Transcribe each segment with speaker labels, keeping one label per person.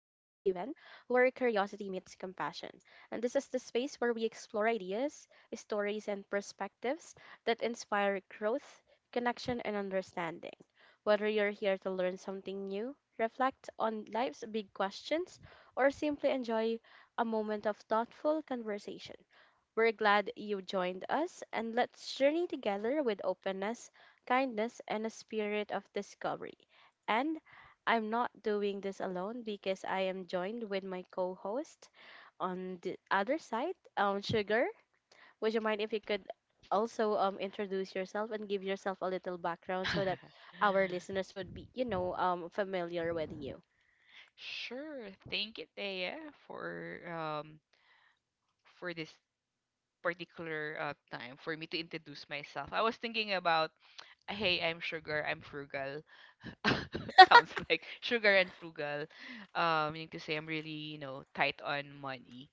Speaker 1: where curiosity meets compassion. And this is the space where we explore ideas, stories, and perspectives that inspire growth, connection, and understanding. Whether you're here to learn something new, reflect on life's big questions, or simply enjoy a moment of thoughtful conversation, we're glad you joined us, and let's journey together with openness, kindness, and a spirit of discovery. And I'm not doing this alone because I am joined with my co host on the other side, Sugar. Would you mind if you could also introduce yourself and give yourself a little background so that our listeners would be familiar with you?
Speaker 2: Sure. Thank you, Thea, for um for this particular time for me to introduce myself. I was thinking about, hey, I'm sugar, I'm frugal. Sounds like sugar and frugal. Meaning to say I'm really, you know, tight on money.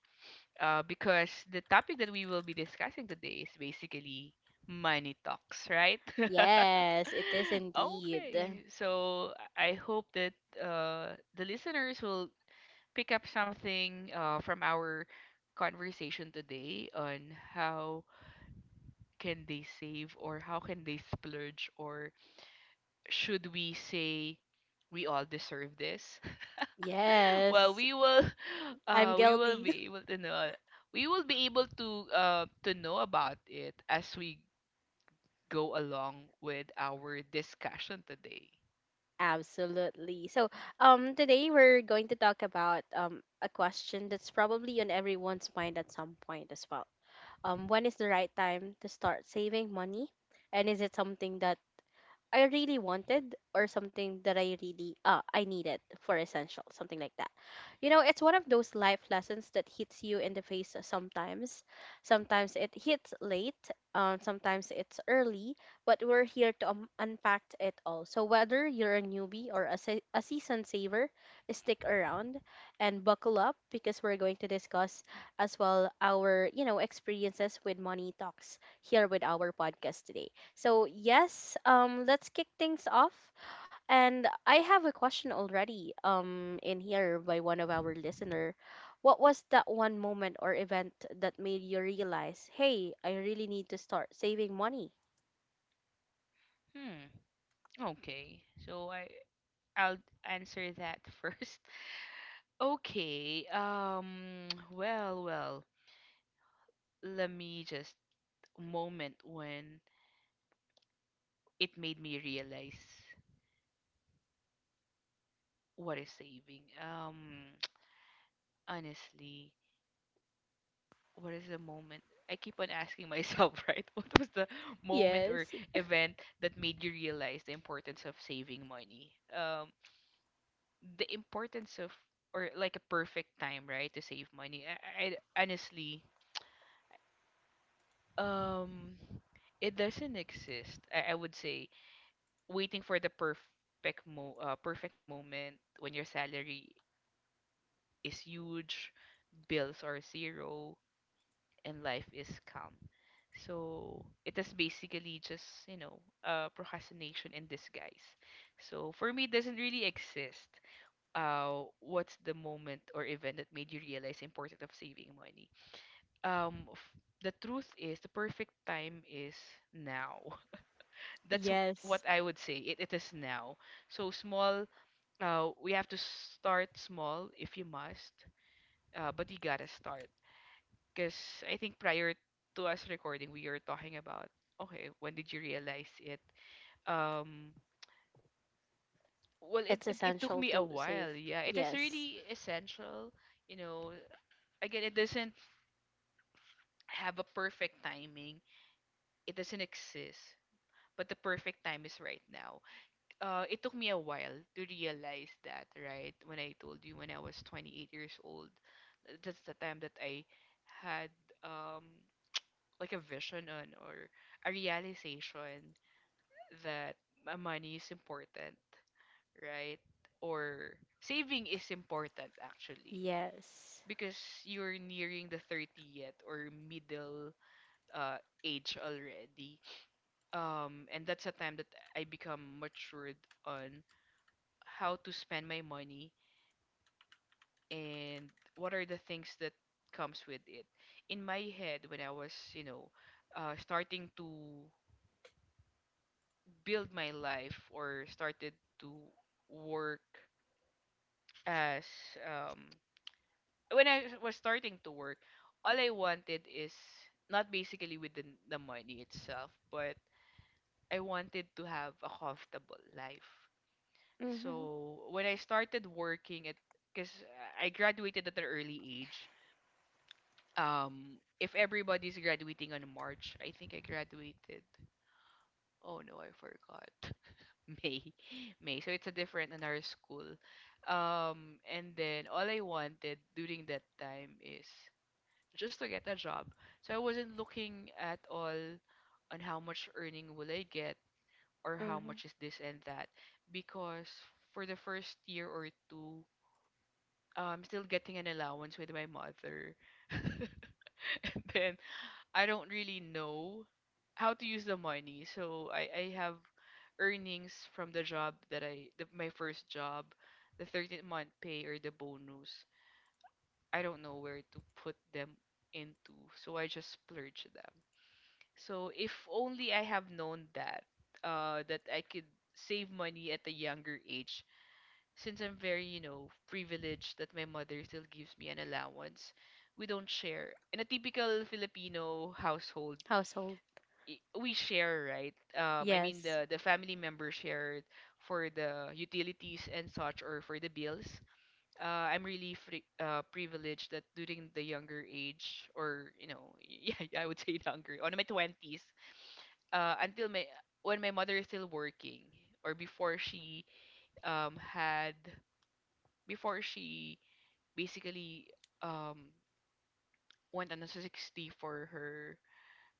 Speaker 2: Because the topic that we will be discussing today is basically money talks, right?
Speaker 1: Yes, it is indeed.
Speaker 2: Okay, so I hope that the listeners will pick up something from our conversation today on how can they save or how can they splurge or should we say we all deserve this? Well,
Speaker 1: Yes,
Speaker 2: we will
Speaker 1: I'm
Speaker 2: we will
Speaker 1: guilty.
Speaker 2: be able to know we will be able to know about it as we go along with our discussion today.
Speaker 1: Absolutely. So, today we're going to talk about a question that's probably on everyone's mind at some point as well. When is the right time to start saving money, and is it something that I really wanted or something that I really I needed for essential, something like that. You know, it's one of those life lessons that hits you in the face sometimes. Sometimes it hits late, sometimes it's early, but we're here to unpack it all. So whether you're a newbie or a seasoned saver, stick around and buckle up because we're going to discuss as well our experiences with money talks here with our podcast today. So yes, let's kick things off. And I have a question already in here by one of our listener. What was that one moment or event that made you realize, hey, I really need to start saving money?
Speaker 2: Hmm. Okay. So I'll answer that first. Okay, let me just moment when it made me realize what is saving. Honestly, what is the moment? I keep on asking myself, right? What was the moment or
Speaker 1: Yes,
Speaker 2: event that made you realize the importance of saving money? Um, the importance of or like a perfect time, right, to save money. I, I honestly, um, it doesn't exist. I would say waiting for the perfect moment when your salary is huge, bills are zero, and life is calm. So it is basically just, you know, procrastination in disguise. So for me, it doesn't really exist. What's the moment or event that made you realize the importance of saving money? Um, f- the truth is, the perfect time is now. That's w-
Speaker 1: yes,
Speaker 2: what I would say. It is now. So small we have to start small if you must, but you gotta start. Because I think prior to us recording, we were talking about, okay, when did you realize it? Um, well,
Speaker 1: it's
Speaker 2: it took
Speaker 1: essential
Speaker 2: me
Speaker 1: to
Speaker 2: a
Speaker 1: save.
Speaker 2: while. Yeah, it is
Speaker 1: Yes.
Speaker 2: really essential. You know, again, it doesn't have a perfect timing, it doesn't exist, but the perfect time is right now. It took me a while to realize that, right? When I told you when I was 28 years old, that's the time that I had um, like a vision on or a realization that money is important, right? Or saving is important actually
Speaker 1: Yes.
Speaker 2: because you're nearing the 30th or middle uh, age already. And that's a time that I become matured on how to spend my money and what are the things that comes with it in my head when I was you know starting to build my life or started to work as um when I was starting to work, all I wanted is not basically with the money itself but I wanted to have a comfortable life.
Speaker 1: Mhm.
Speaker 2: So when I started working at because I graduated at an early age. If everybody's graduating on March, I think I graduated. Oh no, I forgot. May. May. So it's a different another school. And then all I wanted during that time is just to get a job. So I wasn't looking at all on how much earning will I get or how
Speaker 1: Mhm.
Speaker 2: much is this and that because for the first year or two I'm still getting an allowance with my mother. And then I don't really know how to use the money. So I have earnings from the job my first job, the 13th month pay or the bonus. I don't know where to put them into, so I just splurge them. So if only I have known that that I could save money at a younger age since I'm very, you know, privileged that my mother still gives me an allowance. We don't share. In a typical Filipino household,
Speaker 1: Household.
Speaker 2: we share, right? I mean
Speaker 1: Yes.
Speaker 2: the family members shared for the utilities and such or for the bills. I'm really free, privileged that during the younger age or you know yeah I would say younger on my twenties, until my when my mother is still working or um had before she basically um went on a 60 for her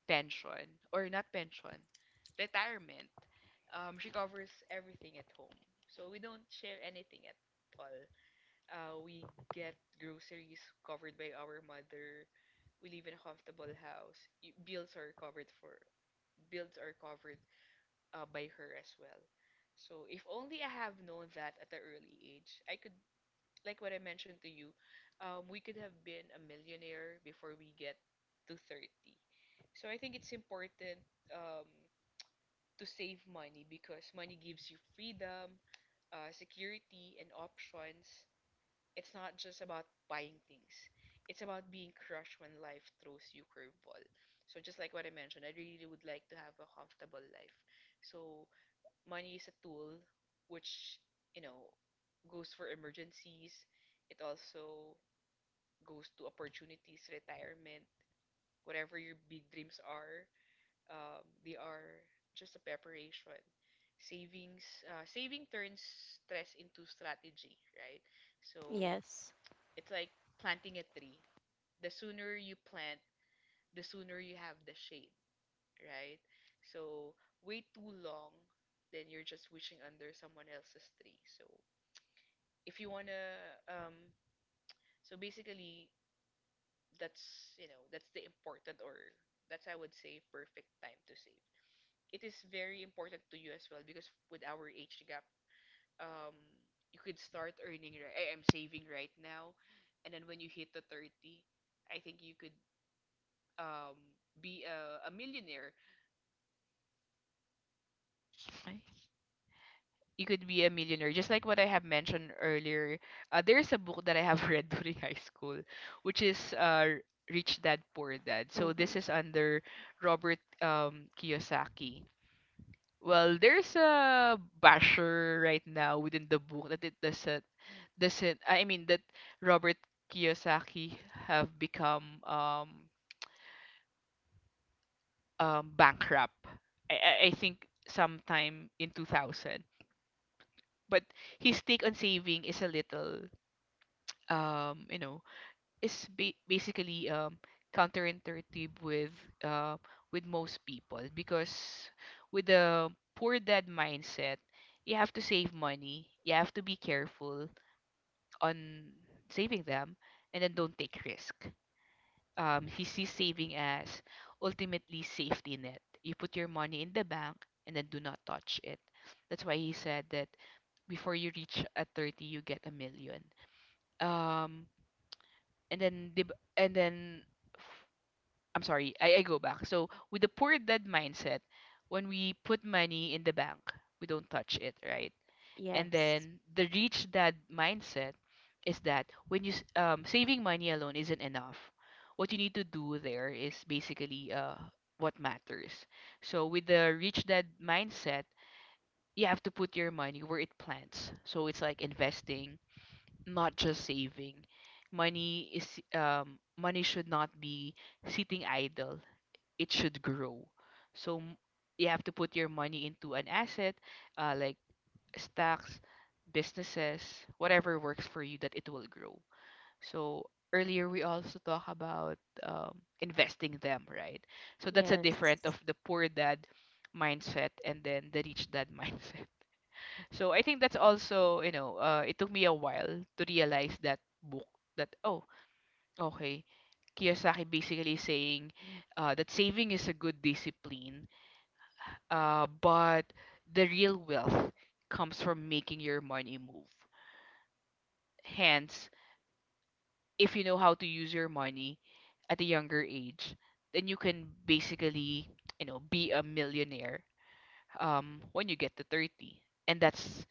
Speaker 2: pension or not pension, retirement. She covers everything at home, so we don't share anything at all. We get groceries covered by our mother. We live in a comfortable house. Bills are covered by her as well. So if only I have known that at an early age, I could, like what I mentioned to you, we could have been a millionaire before we get to 30. So I think it's important, um, to save money, because money gives you freedom, security, and options. It's not just about buying things, it's about being crushed when life throws you curveball. So just like what I mentioned, I really would like to have a comfortable life. So money is a tool which, you know, goes for emergencies. It also goes to opportunities, retirement, whatever your big dreams are. They are just a preparation. savings Saving turns stress into strategy, right? So
Speaker 1: Yes.
Speaker 2: it's like planting a tree. The sooner you plant, the sooner you have the shade, right? So wait too long, then you're just wishing under someone else's tree. So if you wanna, so basically that's, you know, that's the important, or that's, I would say, perfect time to save. It is very important to you as well because with our age gap, um, you could start I'm saving right now, and then when you hit the 30, I think you could um be a millionaire. Just like what I have mentioned earlier, there's a book that I have read during high school, which is Rich Dad Poor Dad. So this
Speaker 1: Mhm.
Speaker 2: is under Robert Kiyosaki. Well, there's a basher right now within the book that it doesn't I mean that Robert Kiyosaki have become bankrupt. I think sometime in 2000. But his take on saving is a little. You know, basically counterintuitive uh, with most people because with the poor dad mindset, you have to save money, you have to be careful on saving them, and then don't take risk. He sees saving as ultimately safety net. You put your money in the bank and then do not touch it. That's why he said that before you reach at 30, you get a million. Um, and then f- I'm sorry, I go back. So with the poor dead mindset, when we put money in the bank, we don't touch it, right? And
Speaker 1: Yes.
Speaker 2: then the rich dad mindset is that saving money alone isn't enough. What you need to do there is basically what matters. So with the rich dad mindset, you have to put your money where it plants. So it's like investing, not just saving. Money should not be sitting idle. It should grow. So m- you have to put your money into an asset, like stocks, businesses, whatever works for you that it will grow. So earlier we also talk about investing them, right? So that's a different of
Speaker 1: Yes.
Speaker 2: the poor dad mindset and then the rich dad mindset. So I think that's also, you know, it took me a while to realize that book that oh, okay. Kiyosaki basically saying that saving is a good discipline, but the real wealth comes from making your money move. Hence, if you know how to use your money at a younger age, then you can basically, you know, be a millionaire when you get to 30. And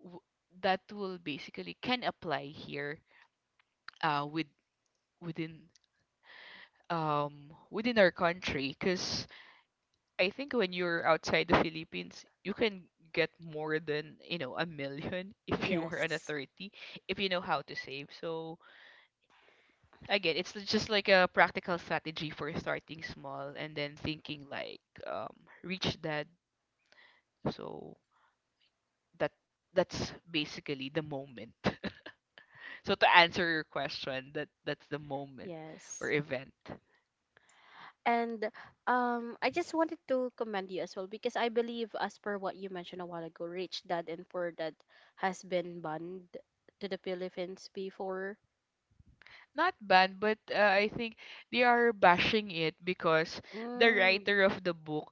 Speaker 2: w- that will basically can apply here, with within within our country, because I think when you're outside the Philippines you can get more than, you know, a million if you are an
Speaker 1: Yes.
Speaker 2: authority, if you know how to save. So again, it's just like a practical strategy for starting small and then thinking like, um reach that. So that that's basically the moment. So to answer your question, that that's the moment or
Speaker 1: Yes.
Speaker 2: event.
Speaker 1: And I just wanted to commend you as well because I believe, as per what you mentioned a while ago, Rich Dad and Poor Dad has been banned to the Philippines before.
Speaker 2: Not banned, but I think they are bashing it because the
Speaker 1: Mm,
Speaker 2: writer of the book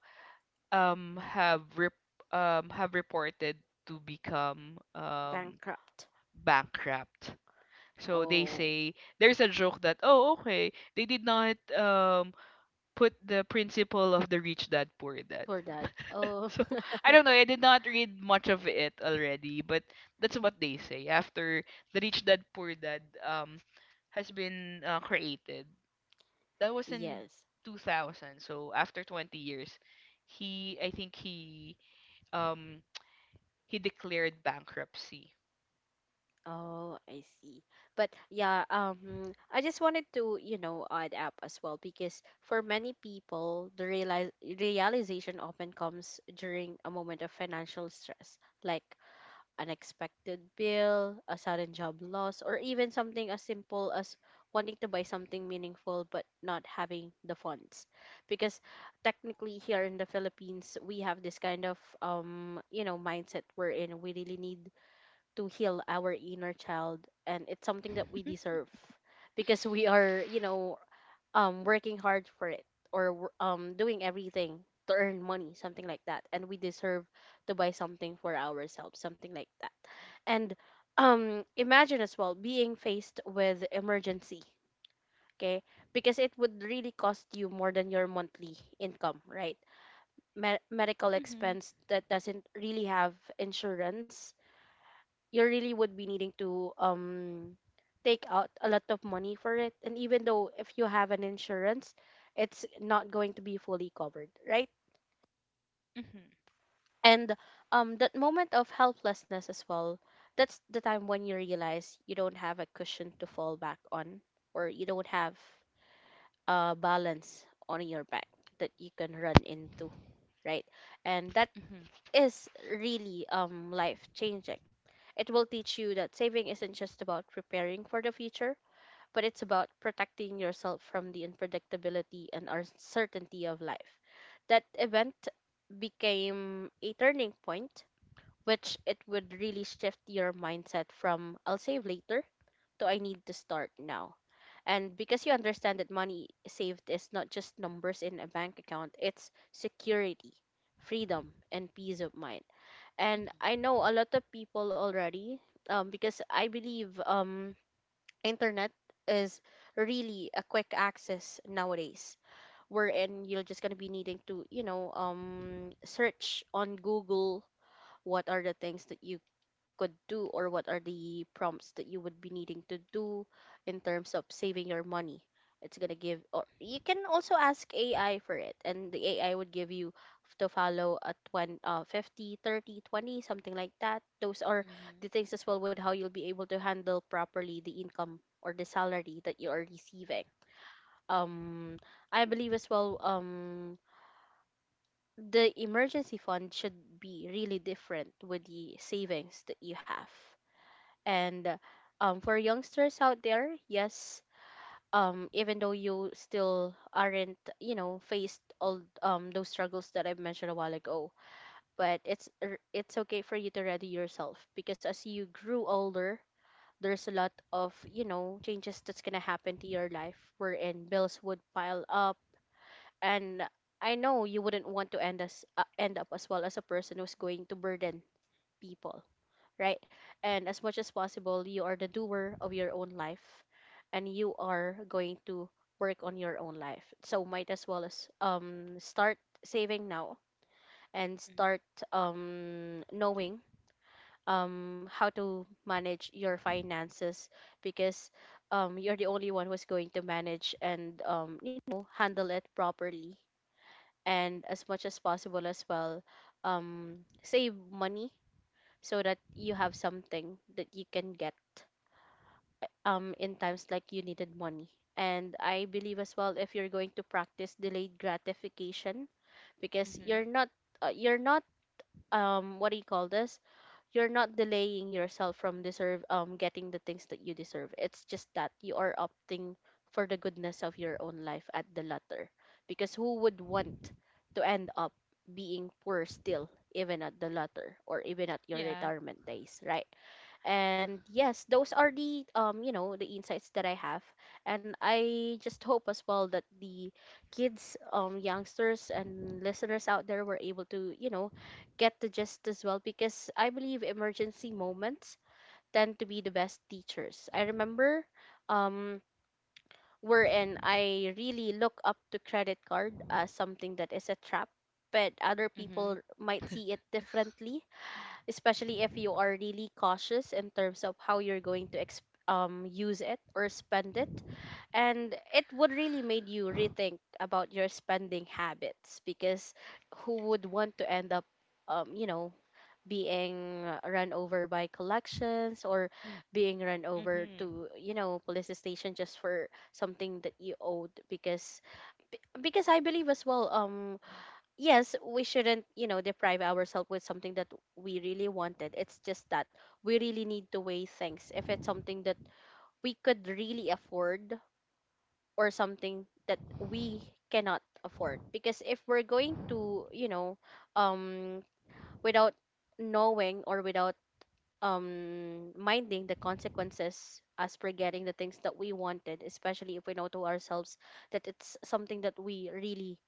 Speaker 2: um have rep- have reported to become
Speaker 1: bankrupt.
Speaker 2: bankrupt. So they
Speaker 1: Oh,
Speaker 2: say there's a joke that oh okay they did not put the principle of the rich dad poor dad.
Speaker 1: Poor Dad. Oh,
Speaker 2: So I don't know, I did not read much of it already, but that's what they say after the rich dad poor dad has been created. That was in
Speaker 1: yes.
Speaker 2: 2000, so after 20 years, he I think um he declared bankruptcy.
Speaker 1: Oh, I see. But yeah, I just wanted to add up as well because for many people, the realize realization often comes during a moment of financial stress, like unexpected bill, a sudden job loss, or even something as simple as wanting to buy something meaningful but not having the funds. Because technically here in the Philippines, we have this kind of mindset wherein we really need to heal our inner child and it's something that we
Speaker 2: Mhm.
Speaker 1: deserve because we are working hard for it or doing everything to earn money, something like that. And we deserve to buy something for ourselves, something like that, and imagine as well being faced with emergency, okay, because it would really cost you more than your monthly income, right? Medical
Speaker 2: Mhm.
Speaker 1: expense that doesn't really have insurance, you really would be needing to take out a lot of money for it, and even though if you have an insurance, it's not going to be fully covered, right?
Speaker 2: mhm,
Speaker 1: And that moment of helplessness as well, that's the time when you realize you don't have a cushion to fall back on, or you don't have a balance on your back that you can run into, right? And that
Speaker 2: mhm,
Speaker 1: is really life changing. It will teach you that saving isn't just about preparing for the future, but it's about protecting yourself from the unpredictability and uncertainty of life. That event became a turning point, which it would really shift your mindset from I'll save later to I need to start now. And because you understand that money saved is not just numbers in a bank account, it's security, freedom, and peace of mind. And I know a lot of people already, because I believe internet is really a quick access nowadays, wherein you're just gonna be needing to search on Google what are the things that you could do, or what are the prompts that you would be needing to do in terms of saving your money. It's going to give, or you can also ask AI for it, and the AI would give you to follow a 20 50, 30, 20, something like that. Those are
Speaker 2: mhm, mhm,
Speaker 1: the things as well with how you'll be able to handle properly the income or the salary that you are receiving. um I believe as well the emergency fund should be really different with the savings that you have. And for youngsters out there, yes, even though you still aren't faced all those struggles that I mentioned a while ago, but it's okay for you to ready yourself, because as you grew older, there's a lot of changes that's gonna happen to your life wherein bills would pile up, and I know you wouldn't want to end up as well as a person who's going to burden people, right? And as much as possible, you are the doer of your own life, and you are going to work on your own life. So might as well as start saving now, and
Speaker 2: mhm,
Speaker 1: start knowing how to manage your finances, because you're the only one who's going to manage and handle it properly, and as much as possible as well, save money so that you have something that you can get in times like you needed money. And I believe as well if you're going to practice delayed gratification, because
Speaker 2: mhm.
Speaker 1: you're not what do you call this, you're not delaying yourself from deserve getting the things that you deserve. It's just that you are opting for the goodness of your own life at the latter, because who would want to end up being poor still even at the latter, or even at your
Speaker 2: Yeah.
Speaker 1: retirement days, right? And yes, those are the you know the insights that I have, and I just hope as well that the kids, youngsters, and listeners out there were able to get the gist as well, because I believe emergency moments tend to be the best teachers. I remember um wherein I really look up to credit card as something that is a trap, but other people
Speaker 2: Mhm,
Speaker 1: might see it differently, especially if you are really cautious in terms of how you're going to use it or spend it. And it would really made you rethink about your spending habits, because who would want to end up, um, you know, being run over by collections, or being run over
Speaker 2: mhm,
Speaker 1: to police station just for something that you owed, because because I believe as well, yes, we shouldn't, deprive ourselves with something that we really wanted. It's just that we really need to weigh things. If it's something that we could really afford, or something that we cannot afford. Because if we're going to, you know, um, without knowing or without minding the consequences, as forgetting the things that we wanted, especially if we know to ourselves that it's something that we really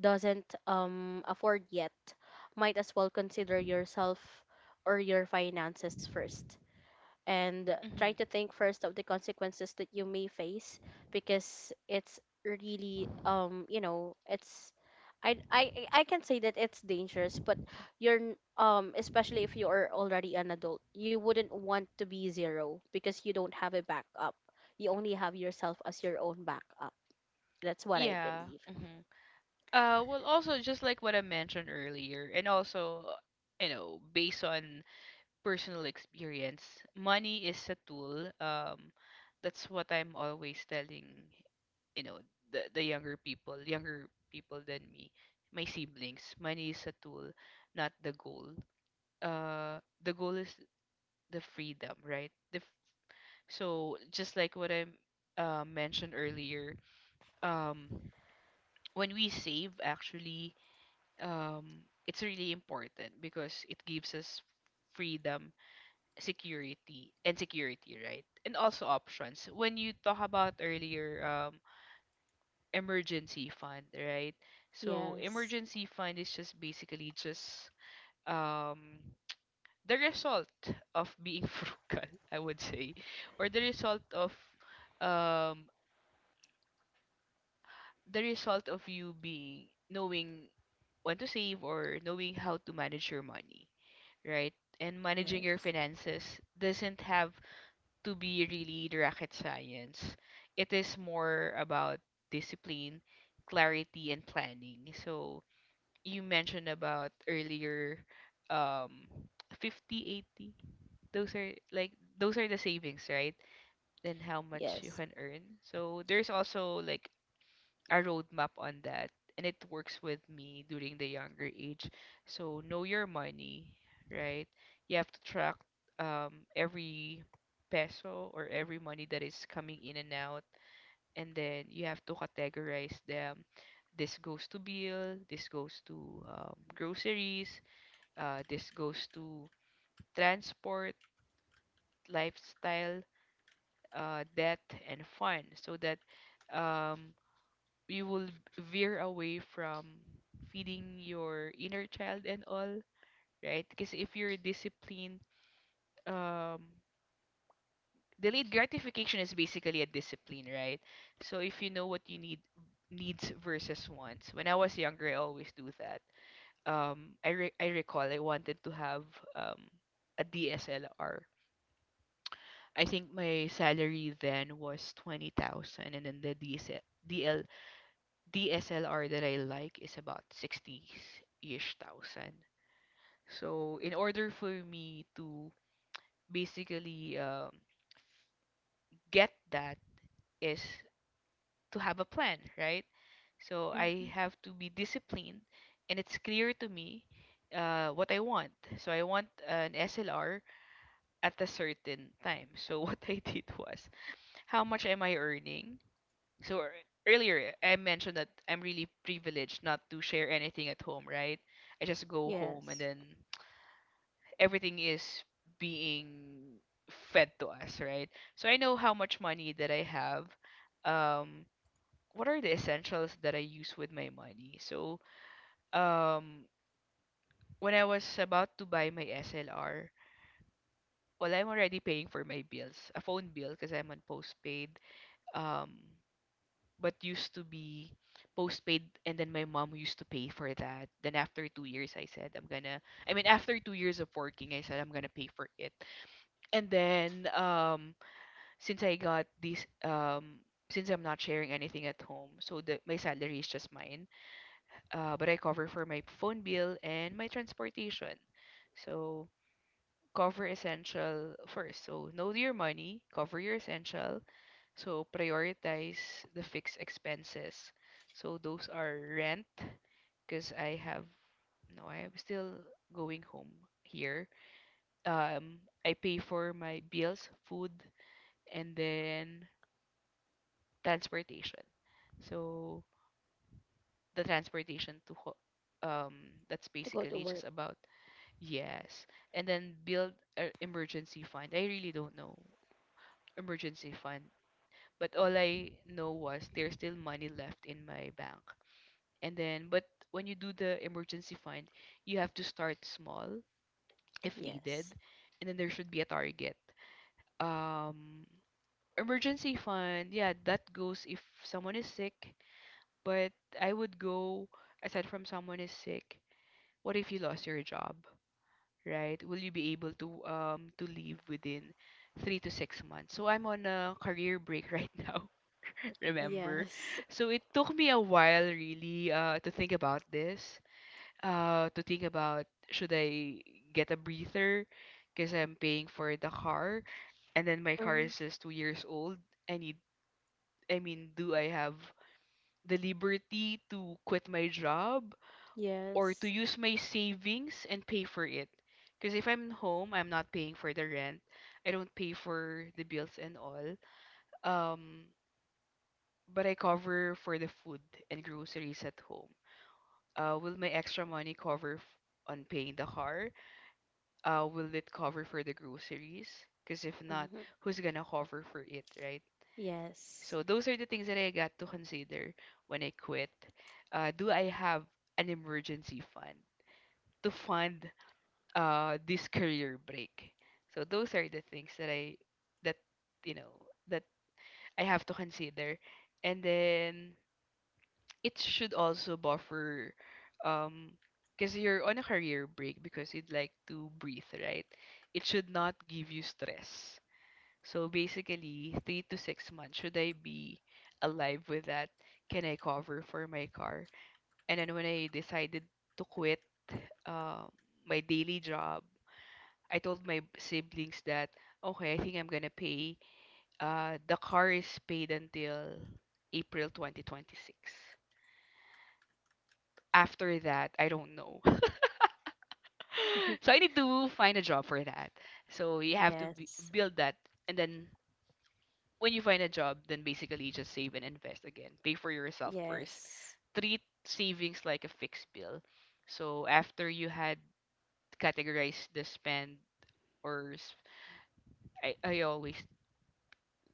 Speaker 1: doesn't afford yet, might as well consider yourself or your finances first, and try
Speaker 2: mhm.
Speaker 1: to think first of the consequences that you may face, because it's really it's I can say that it's dangerous, but you're especially if you are already an adult, you wouldn't want to be zero because you don't have a backup. You only have yourself as your own backup. That's what I
Speaker 2: Yeah.
Speaker 1: believe.
Speaker 2: Mhm. Well, also just like what I mentioned earlier, and also, you know, based on personal experience, money is a tool. That's what I'm always telling, you know, the younger people than me, my siblings. Money is a tool, not the goal. The goal is the freedom, right? So just like what I mentioned earlier, um when we save actually, um it's really important because it gives us freedom, security and security right? And also options. When you talk about earlier emergency fund, right? So
Speaker 1: Yes,
Speaker 2: emergency fund is just basically just um the result of being frugal, I would say, or um the result of you being knowing when to save or knowing how to manage your money, right? And managing your
Speaker 1: yes,
Speaker 2: finances doesn't have to be really the rocket science. It is more about discipline, clarity, and planning. So you mentioned about earlier um 50, 80. Those are like, those are the savings, right? Then how much you
Speaker 1: yes,
Speaker 2: can earn. So there's also like a roadmap on that, and it works with me during the younger age. So know your money, right? You have to track every peso or every money that is coming in and out, and then you have to categorize them. This goes to bill, this goes to groceries, this goes to transport, lifestyle, debt, and fun, so that um, you will veer away from feeding your inner child and all, right? Because if you're disciplined, um, delayed gratification is basically a discipline, right? So if you know what you needs versus wants. When I was younger, I always do that. I recall I wanted to have um a DSLR. I think my salary then was 20,000, and then the DSLR that I like is about 60-ish thousand. So in order for me to basically get that is to have a plan, right? So I
Speaker 1: hmm,
Speaker 2: have to be disciplined, and it's clear to me what I want. So I want an SLR at a certain time. So what I did was, how much am I earning? So earlier I mentioned that I'm really privileged not to share anything at home, right? I just go home and
Speaker 1: yes.
Speaker 2: then everything is being fed to us, right? So I know how much money that I have. Um, what are the essentials that I use with my money? So, um, when I was about to buy my SLR, well, I'm already paying for my bills, a phone bill because I'm on postpaid. Um, but used to be postpaid, and then my mom used to pay for that. Then after 2 years, I said I'm gonna. I mean, after 2 years of working, I said I'm gonna pay for it. And then, since I got this, since I'm not sharing anything at home, so the my salary is just mine. But I cover for my phone bill and my transportation. So cover essential first. So know your money, cover your essential. So prioritize the fixed expenses. So those are rent, because I have no, I am still going home here. Um, I pay for my bills, food, and then transportation. So the transportation um, that's
Speaker 1: To go
Speaker 2: basically
Speaker 1: to
Speaker 2: just
Speaker 1: work.
Speaker 2: about yes. And then build an emergency fund. I really don't know emergency fund, but all I know was there's still money left in my bank. And then, but when you do the emergency fund, you have to start small if needed,
Speaker 1: Yes,
Speaker 2: and then there should be a target. Um, emergency fund, yeah, that goes if someone is sick, but I would go aside from someone is sick, what if you lost your job, right? Will you be able to leave within 3 to 6 months? So I'm on a career break right now. Remember,
Speaker 1: yes,
Speaker 2: so it took me a while really to think about this. To think about, should I get a breather because I'm paying for the car, and then my car
Speaker 1: hmm,
Speaker 2: is just 2 years old. I need. I mean, do I have the liberty to quit my job or to
Speaker 1: yes.
Speaker 2: use my savings and pay for it? Because if I'm home, I'm not paying for the rent. I don't pay for the bills and all. Um, but I cover for the food and groceries at home. Will my extra money cover on paying the car? Will it cover for the groceries? Because if not,
Speaker 1: Hmm.
Speaker 2: who's gonna cover for it, right? So
Speaker 1: Yes,
Speaker 2: those are the things that I got to consider when I quit. Do I have an emergency fund to fund this career break? So those are the things that I that you know that I have to consider, and then it should also buffer, um, because you're on a career break because you'd like to breathe, right? It should not give you stress. So basically, 3 to 6 months, should I be alive with that? Can I cover for my car? And then when I decided to quit um, my daily job, I told my siblings that, okay, I think I'm gonna pay. The car is paid until April 2026. After that, I don't know. So I need to find a job for that. So you have to b
Speaker 1: yes,
Speaker 2: build that, and then when you find a job, then basically just save and invest again. Pay for yourself first.
Speaker 1: yes,
Speaker 2: Treat savings like a fixed bill. So after you had categorized the spend or s- I always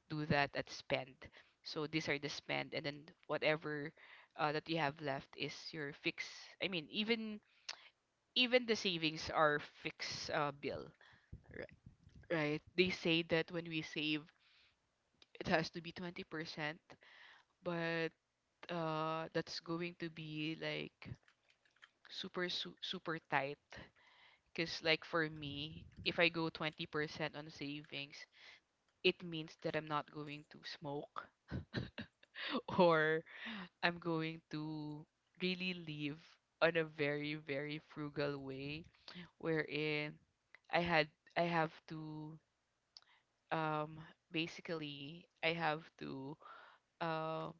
Speaker 2: do that at spend. So these are the spend, and then whatever that you have left is your fix. I mean, even the savings are fixed bill, right? Right? They say that when we save, it has to be 20%, but that's going to be like super tight. Because like for me, if I go 20% on savings, it means that I'm not going to smoke or I'm going to really live on a very, very frugal way wherein I had I have to um basically I have to uh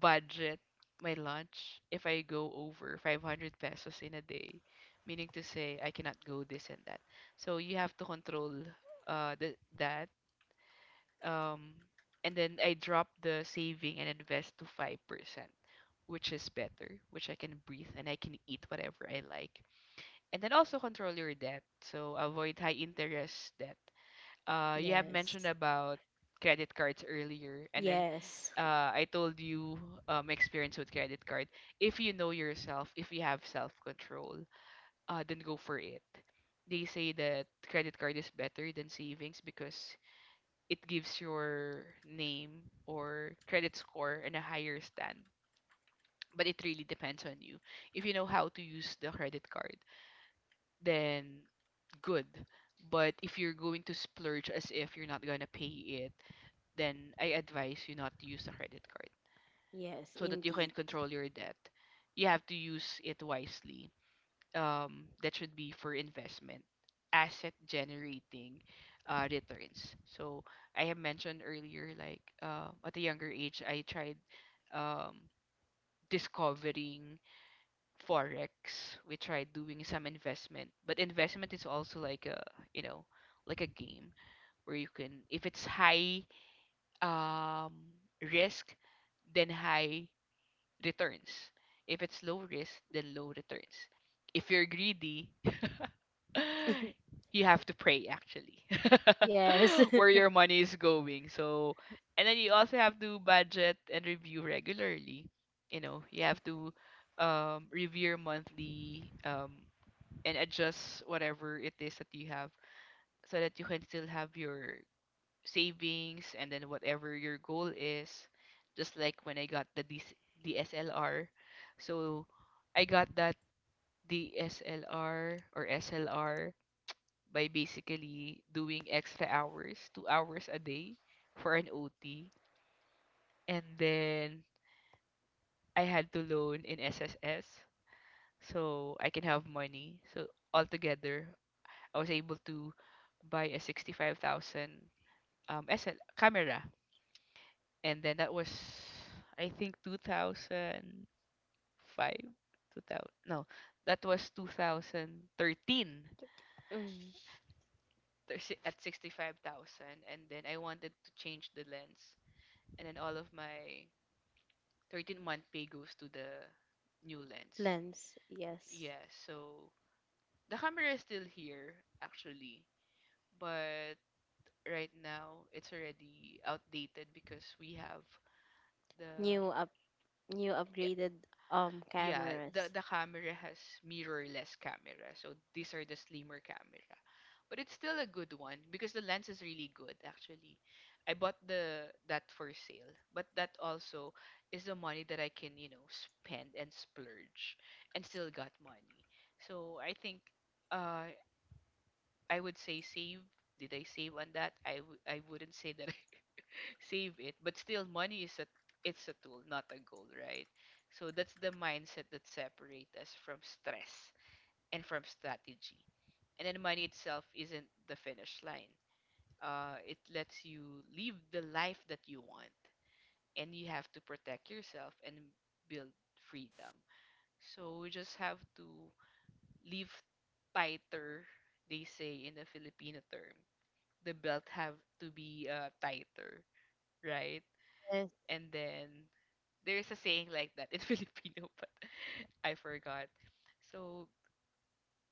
Speaker 2: budget my lunch. If I go over 500 pesos in a day, meaning to say I cannot go this and that. So you have to control the, that um, and then I dropped the saving and invest to 5%, which is better, which I can breathe and I can eat whatever I like. And then also control your debt. So avoid high interest debt. You have mentioned
Speaker 1: yes,
Speaker 2: about credit cards earlier, and then
Speaker 1: yes,
Speaker 2: I told you my experience with credit card. If you know yourself, if you have self control, then go for it. They say that credit card is better than savings because it gives your name or credit score in a higher stand. But it really depends on you. If you know how to use the credit card, then good. But if you're going to splurge as if you're not going to pay it, then I advise you not to use the credit card
Speaker 1: yes,
Speaker 2: so that you can
Speaker 1: indeed.
Speaker 2: control your debt. You have to use it wisely. That should be for investment, asset generating returns. So I have mentioned earlier, like at a younger age, I tried um, discovering forex. We tried doing some investment, but investment is also like a, you know, like a game where you can, if it's high um, risk, then high returns. If it's low risk, then low returns. If you're greedy, you have to pray actually
Speaker 1: Yes.
Speaker 2: where your money is going. So and then you also have to budget and review regularly. You know, you have to review your monthly and adjust whatever it is that you have, so that you can still have your savings, and then whatever your goal is. Just like when I got the dslr. So I got that dslr or slr by basically doing extra hours, 2 hours a day for an OT. And then I had to loan in SSS so I can have money. So altogether, I was able to buy a 65,000 SL camera. And then that was, I think, 2005. 2000, no, that was 2013,
Speaker 1: Mm,
Speaker 2: at 65,000, and then I wanted to change the lens, and then all of my 13-month pay goes to the new lens.
Speaker 1: lens, yes.
Speaker 2: Yeah, so the camera is still here actually, but right now it's already outdated because we have the
Speaker 1: New up, new upgraded
Speaker 2: yeah, the
Speaker 1: cameras.
Speaker 2: the camera has mirrorless camera. So these are the slimmer camera. But it's still a good one because the lens is really good actually. I bought the that for sale, but that also is the money that I can, you know, spend and splurge and still got money. So I think uh I would say save. Did I save on that? I wouldn't say that I save it, but still, money is a it's a tool, not a goal, right? So that's the mindset that separates us from stress and from strategy. And then money itself isn't the finish line. It lets you live the life that you want, and you have to protect yourself and build freedom. So we just have to live tighter, they say in the Filipino term, the belt have to be tighter, right?
Speaker 1: Yes,
Speaker 2: And then there's a saying like that in Filipino, but I forgot. So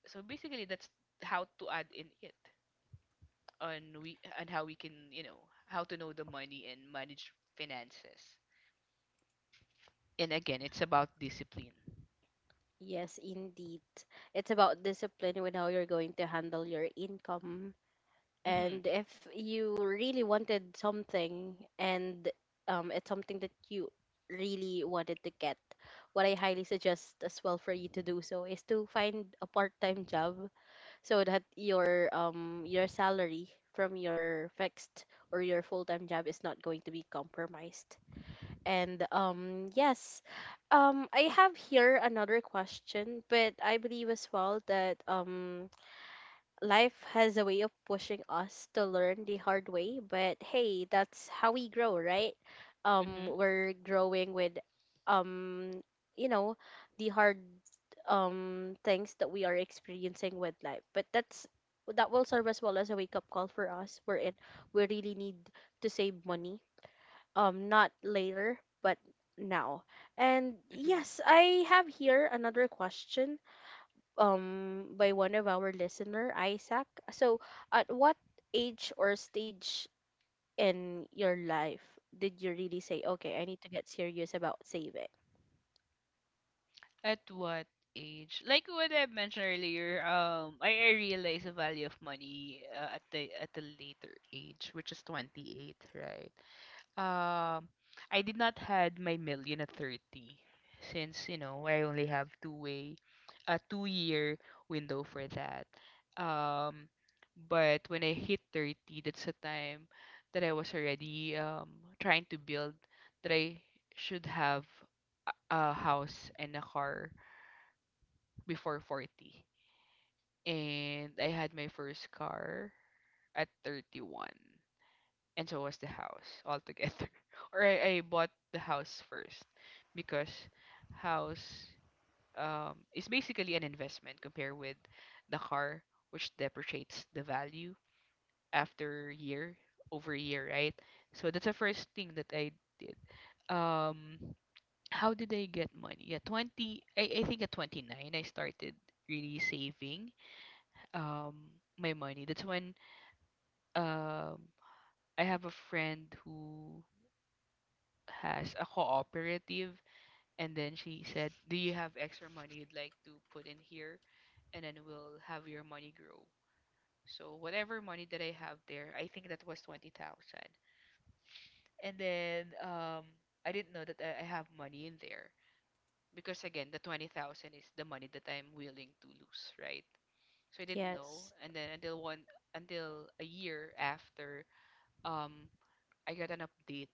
Speaker 2: so basically that's how to add in it on we and how we can, how to know the money and manage finances. And again, it's about discipline.
Speaker 1: yes, indeed. It's about discipline with how you're going to handle your income.
Speaker 2: Mhm.
Speaker 1: And if you really wanted something and it's something that you really wanted to get, what I highly suggest as well for you to do so is to find a part-time job so that your salary from your fixed or your full-time job is not going to be compromised. And yes, I have here another question, but I believe as well that life has a way of pushing us to learn the hard way, but hey, that's how we grow, right? Um,
Speaker 2: Mhm.
Speaker 1: we're growing with, um, you know, the hard things that we are experiencing with life. But that will serve as well as a wake up call for us. We're in. We really need to save money. Not later, but now. And
Speaker 2: Mhm.
Speaker 1: yes, I have here another question by one of our listener Isaac. So, at what age or stage in your life did you really say, "Okay, I need to get serious about saving"?
Speaker 2: At what age? Like what I mentioned earlier, I realized the value of money at a later age, which is 28, right? Um, I did not had my million at 30, since you know I only have a 2-year window for that. Um, but when I hit 30, that's the time that I was already trying to build that I should have a house and a car before 40. And I had my first car at 31. And so was the house altogether. or I bought the house first because house is basically an investment compared with the car, which depreciates the value after year over year, right? So that's the first thing that I did. Um, how did I get money? Yeah, I think at 29, I started really saving um my money. That's when um I have a friend who has a cooperative and then she said, "Do you have extra money you'd like to put in here and then we'll have your money grow." So whatever money that I have there, I think that was 20,000. And then I didn't know that I have money in there because again, the 20,000 is the money that I'm willing to lose, right? So I didn't know
Speaker 1: Yes.
Speaker 2: and then until one until a year after um I got an update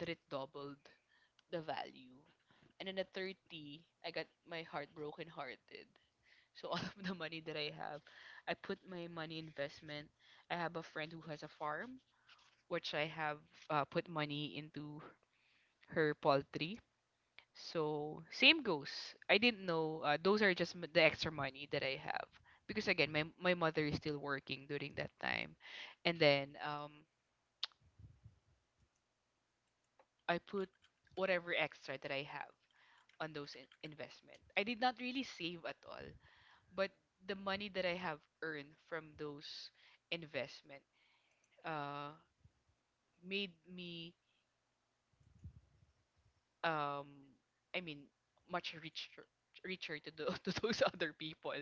Speaker 2: that it doubled the value. And then at 30, I got my heart broken hearted. So all of the money that I have, I put my money investment. I have a friend who has a farm, which I have put money into her poultry. So same goes. I didn't know those are just the extra money that I have because again, my mother is still working during that time, and then I put whatever extra that I have on those investment. I did not really save at all, but the money that I have earned from those investment uh made me um I mean much richer to those other people.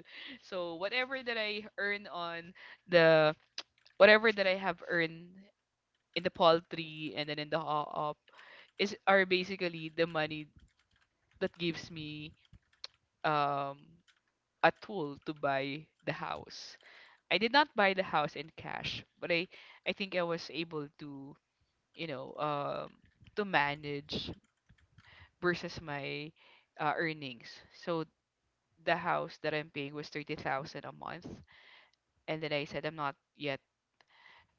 Speaker 2: So whatever that I earn on the whatever that I have earned in the poultry and then in the op is are basically the money that gives me um a tool to buy the house. I did not buy the house in cash, but I think I was able you know, um to manage versus my earnings. So the house that I'm paying was 30,000 a month and then I said I'm not yet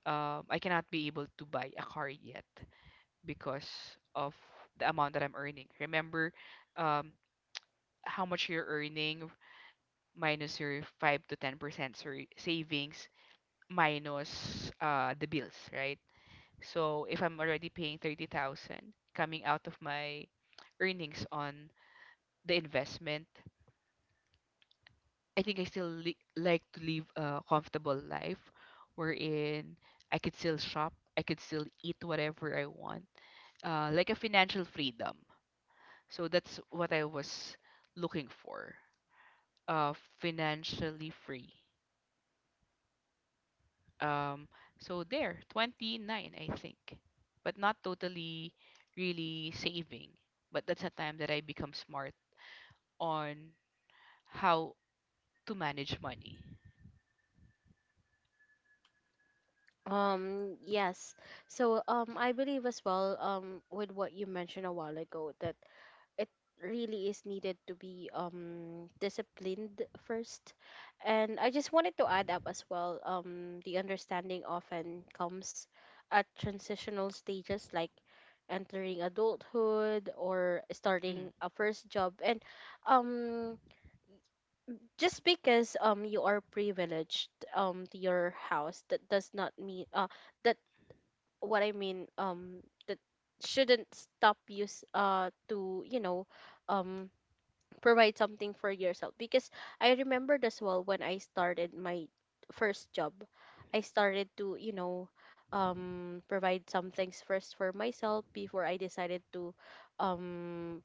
Speaker 2: I cannot be able to buy a car yet because of the amount that I'm earning. Remember um how much you're earning minus your 5 to 10% savings minus the bills, right? So if I'm already paying 30,000 coming out of my earnings on the investment, I think I still like to live a comfortable life wherein I could still shop, I could still eat whatever I want, like a financial freedom. So that's what I was looking for, uh, financially free. Um, so there, 29, I think, but not totally really saving. But that's a time that I become smart on how to manage money.
Speaker 1: Um yes. So I believe as well with what you mentioned a while ago that it really is needed to be disciplined first, and I just wanted to add up as well. The understanding often comes at transitional stages like entering adulthood or starting
Speaker 2: Mm.
Speaker 1: a first job. And um just because you are privileged to your house, that does not mean that, what I mean, that shouldn't stop you to, you know, um provide something for yourself. Because I remembered as well, when I started my first job, I started to, you know, provide some things first for myself before I decided to um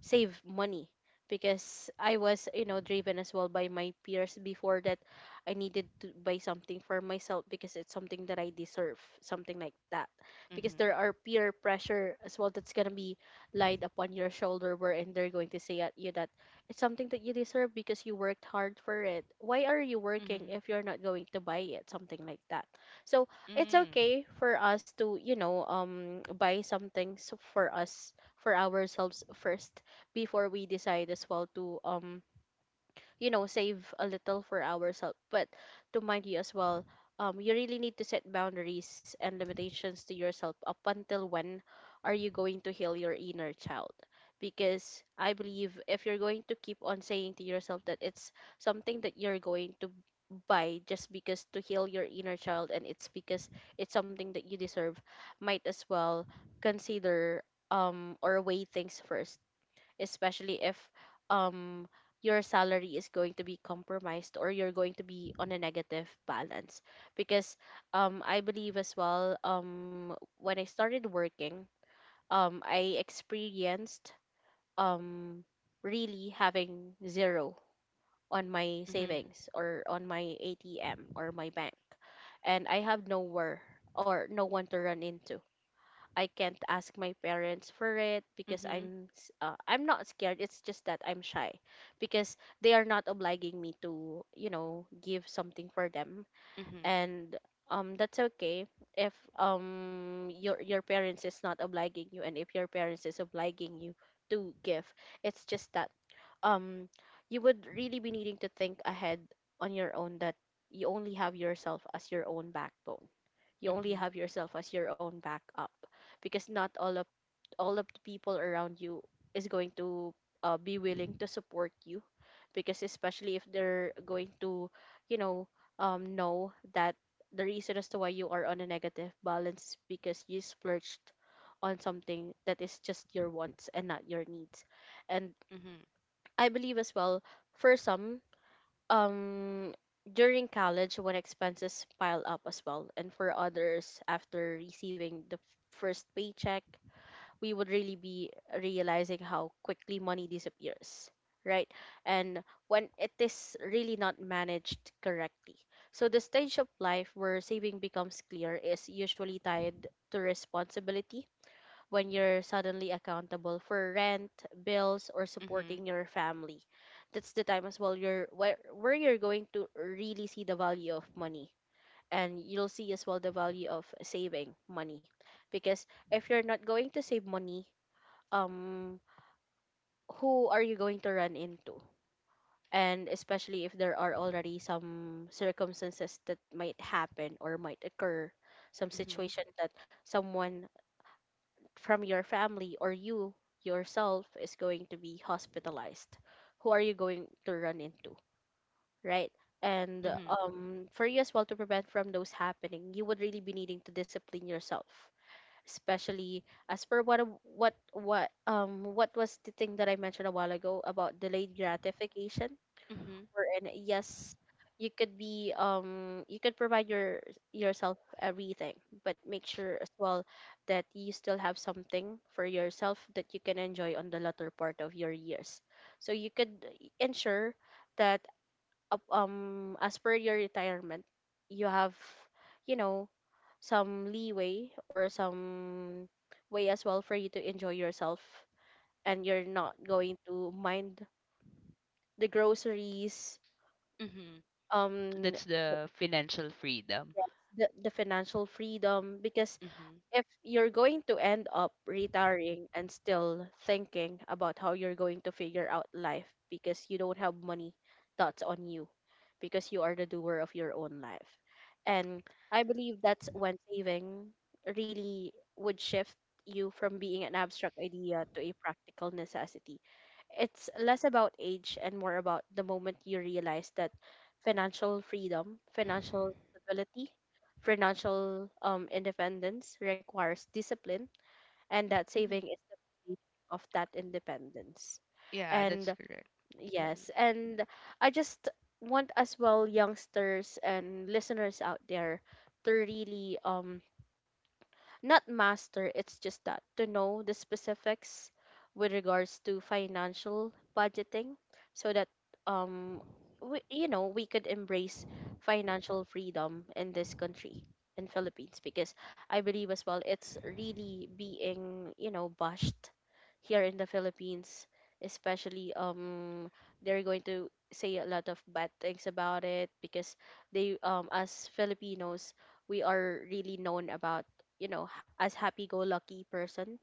Speaker 1: save money. Because I was, you know, driven as well by my peers before, that I needed to buy something for myself because it's something that I deserve, something like that. Because there
Speaker 2: Mhm.
Speaker 1: are peer pressure as well that's gonna be laid upon your shoulder, wherein they're going to say at you that it's something that you deserve because you worked hard for it. Why are you working
Speaker 2: Mhm.
Speaker 1: if you're not going to buy it? Something like that. So it's
Speaker 2: Mm.
Speaker 1: okay for us to, you know, buy some things for us, for ourselves first, before we decide as well to, you know, save a little for ourselves. But to mind you as well, you really need to set boundaries and limitations to yourself up until when are you going to heal your inner child. Because I believe, if you're going to keep on saying to yourself that it's something that you're going to buy just because to heal your inner child, and it's because it's something that you deserve, might as well consider, or weigh things first, especially if um your salary is going to be compromised or you're going to be on a negative balance. Because I believe as well, when I started working, I experienced um really having zero on my
Speaker 2: Mhm.
Speaker 1: savings or on my ATM or my bank. And I have nowhere or no one to run into. I can't ask my parents for it because
Speaker 2: Mhm.
Speaker 1: I'm not scared. It's just that I'm shy, because they are not obliging me to, you know, give something for them.
Speaker 2: Mhm.
Speaker 1: And that's okay if your parents is not obliging you, and if your parents is obliging you to give. It's just that um you would really be needing to think ahead on your own that you only have yourself as your own backbone, you only
Speaker 2: Mhm.
Speaker 1: have yourself as your own backup. Because not all of, the people around you is going to be willing to support you, because especially if they're going to, you know, know that the reason as to why you are on a negative balance is because you splurged on something that is just your wants and not your needs. And
Speaker 2: Mhm.
Speaker 1: I believe as well, for some, um during college, when expenses pile up as well, and for others after receiving the first paycheck, we would really be realizing how quickly money disappears, right, and when it is really not managed correctly. So the stage of life where saving becomes clear is usually tied to responsibility, when you're suddenly accountable for rent, bills, or
Speaker 2: Mhm.
Speaker 1: supporting your family. That's the time as well where you're going to really see the value of money. And you'll see as well the value of saving money. Because if you're not going to save money, um who are you going to run into? And especially if there are already some circumstances that might happen or might occur,
Speaker 2: Mhm.
Speaker 1: some situation that someone from your family or you yourself is going to be hospitalized, who are you going to run into, right? And
Speaker 2: Mhm.
Speaker 1: for you as well to prevent from those happening, you would really be needing to discipline yourself, especially as per what was the thing that I mentioned a while ago about delayed gratification.
Speaker 2: Mhm.
Speaker 1: And yes, you could be you could provide your, yourself, everything, but make sure as well that you still have something for yourself that you can enjoy on the latter part of your years, so you could ensure that, as per your retirement, you have, you know, some leeway or some way as well for you to enjoy yourself, and you're not going to mind the groceries.
Speaker 2: Mhm.
Speaker 1: um
Speaker 2: That's the financial freedom.
Speaker 1: yes, the financial freedom. Because
Speaker 2: Mhm.
Speaker 1: if you're going to end up retiring and still thinking about how you're going to figure out life because you don't have money, that's on you, because you are the doer of your own life. And I believe that's when saving really would shift you from being an abstract idea to a practical necessity. It's less about age and more about the moment you realize that financial freedom, financial stability, financial independence requires discipline, and that
Speaker 2: Mhm.
Speaker 1: saving is the key of that independence.
Speaker 2: Yeah, that's
Speaker 1: And
Speaker 2: correct. Mhm.
Speaker 1: yes, and I just want as well youngsters and listeners out there to really not master, it's just that to know the specifics with regards to financial budgeting, so that um we, you know, we could embrace financial freedom in this country, in Philippines, because I believe as well it's really being, you know, bashed here in the Philippines, especially they're going to say a lot of bad things about it, because they, as Filipinos, we are really known about, you know, as happy-go-lucky person,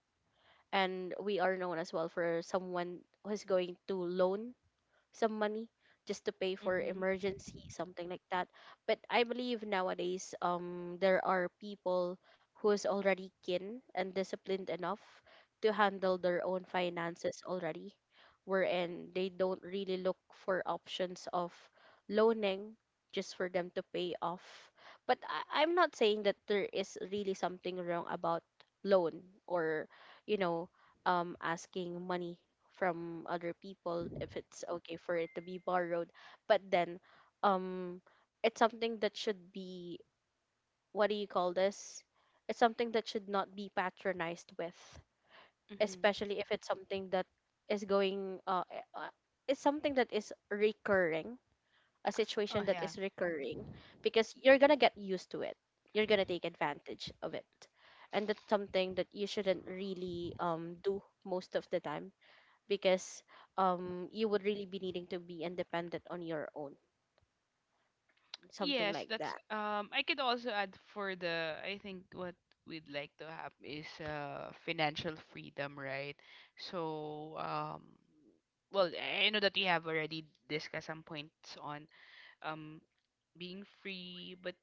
Speaker 1: and we are known as well for someone who's going to loan some money just to pay for
Speaker 2: Mhm.
Speaker 1: emergency, something like that. But I believe nowadays, there are people who is already keen and disciplined enough to handle their own finances already, wherein they don't really look for options of loaning just for them to pay off. But I'm not saying that there is really something wrong about loan, or, you know, asking money from other people if it's okay for it to be borrowed, but then um it's something that should be, what do you call this, it's something that should not be patronized with,
Speaker 2: Mhm.
Speaker 1: especially if it's something that is going it's something that is recurring, a
Speaker 2: Oh
Speaker 1: situation that
Speaker 2: yeah.
Speaker 1: is recurring, because you're gonna get used to it, you're gonna take advantage of it, and that's something that you shouldn't really do most of the time, because you would really be needing to be independent on your own, something
Speaker 2: Yes,
Speaker 1: like
Speaker 2: that's
Speaker 1: that.
Speaker 2: I could also add for the I think what we'd like to have is financial freedom, right? So well I know that we have already discussed some points on um being free, but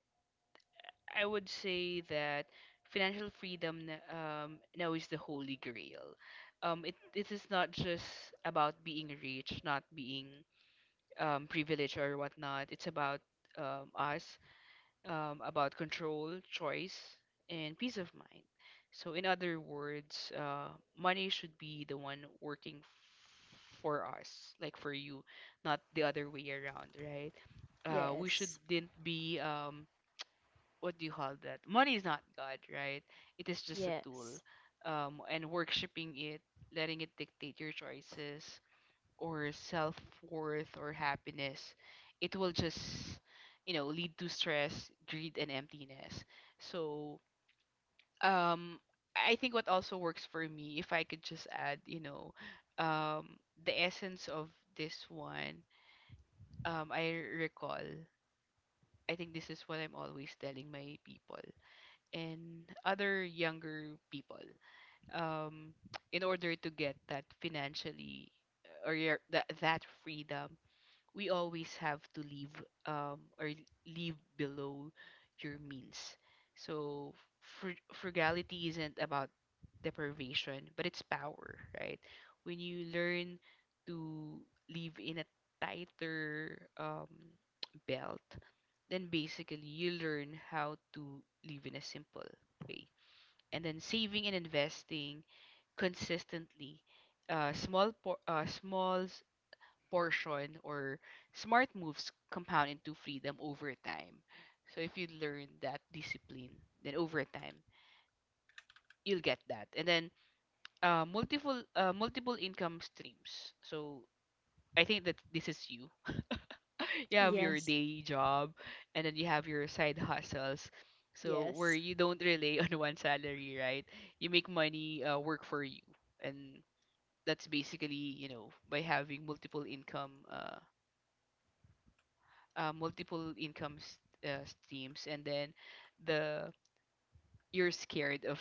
Speaker 2: I would say that financial freedom now is the holy grail. It is not just about being rich, not being privileged or whatnot. It's about us, about control, choice, and peace of mind. So, in other words, money should be the one working for us, like for you, not the other way around, right? We
Speaker 1: Yes.
Speaker 2: shouldn't be, what do you call that? Money is not God, right? It is just a tool.
Speaker 1: Yes.
Speaker 2: And worshiping it, letting it dictate your choices, or self worth or happiness, it will just, lead to stress, greed, and emptiness. So, um, I think what also works for me, if I could just add, um, the essence of this one, I recall. I think this is what I'm always telling my people and other younger people. Um, in order to get that financially or your, that freedom we always have to leave or leave below your means. So frugality isn't about deprivation, but it's power, right? When you learn to live in a tighter belt, then basically you learn how to live in a simple way. And then saving and investing consistently. Small small portion or smart moves compound into freedom over time. So if you learn that discipline, then over time you'll get that. And then multiple multiple income streams. So I think that this is you. you have your
Speaker 1: Yes.
Speaker 2: day job, and then you have your side hustles. So where
Speaker 1: Yes.
Speaker 2: you don't rely on one salary, right? You make money work for you, and that's basically by having multiple income streams. And then the you're scared of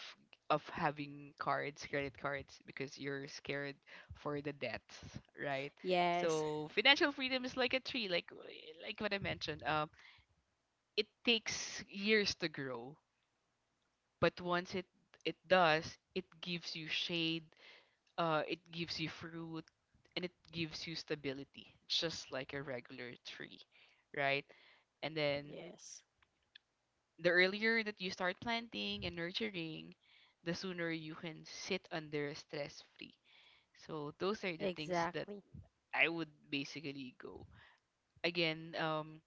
Speaker 2: having cards credit cards because you're scared for the debts, right?
Speaker 1: Yes.
Speaker 2: So financial freedom is like a tree, like what I mentioned. It takes years to grow, but once it does it gives you shade, it gives you fruit, and it gives you stability, just like a regular tree, right? And then
Speaker 1: Yes.
Speaker 2: the earlier that you start planting and nurturing, the sooner you can sit under stress free. So those are the things that
Speaker 1: Exactly.
Speaker 2: I would basically go. Again,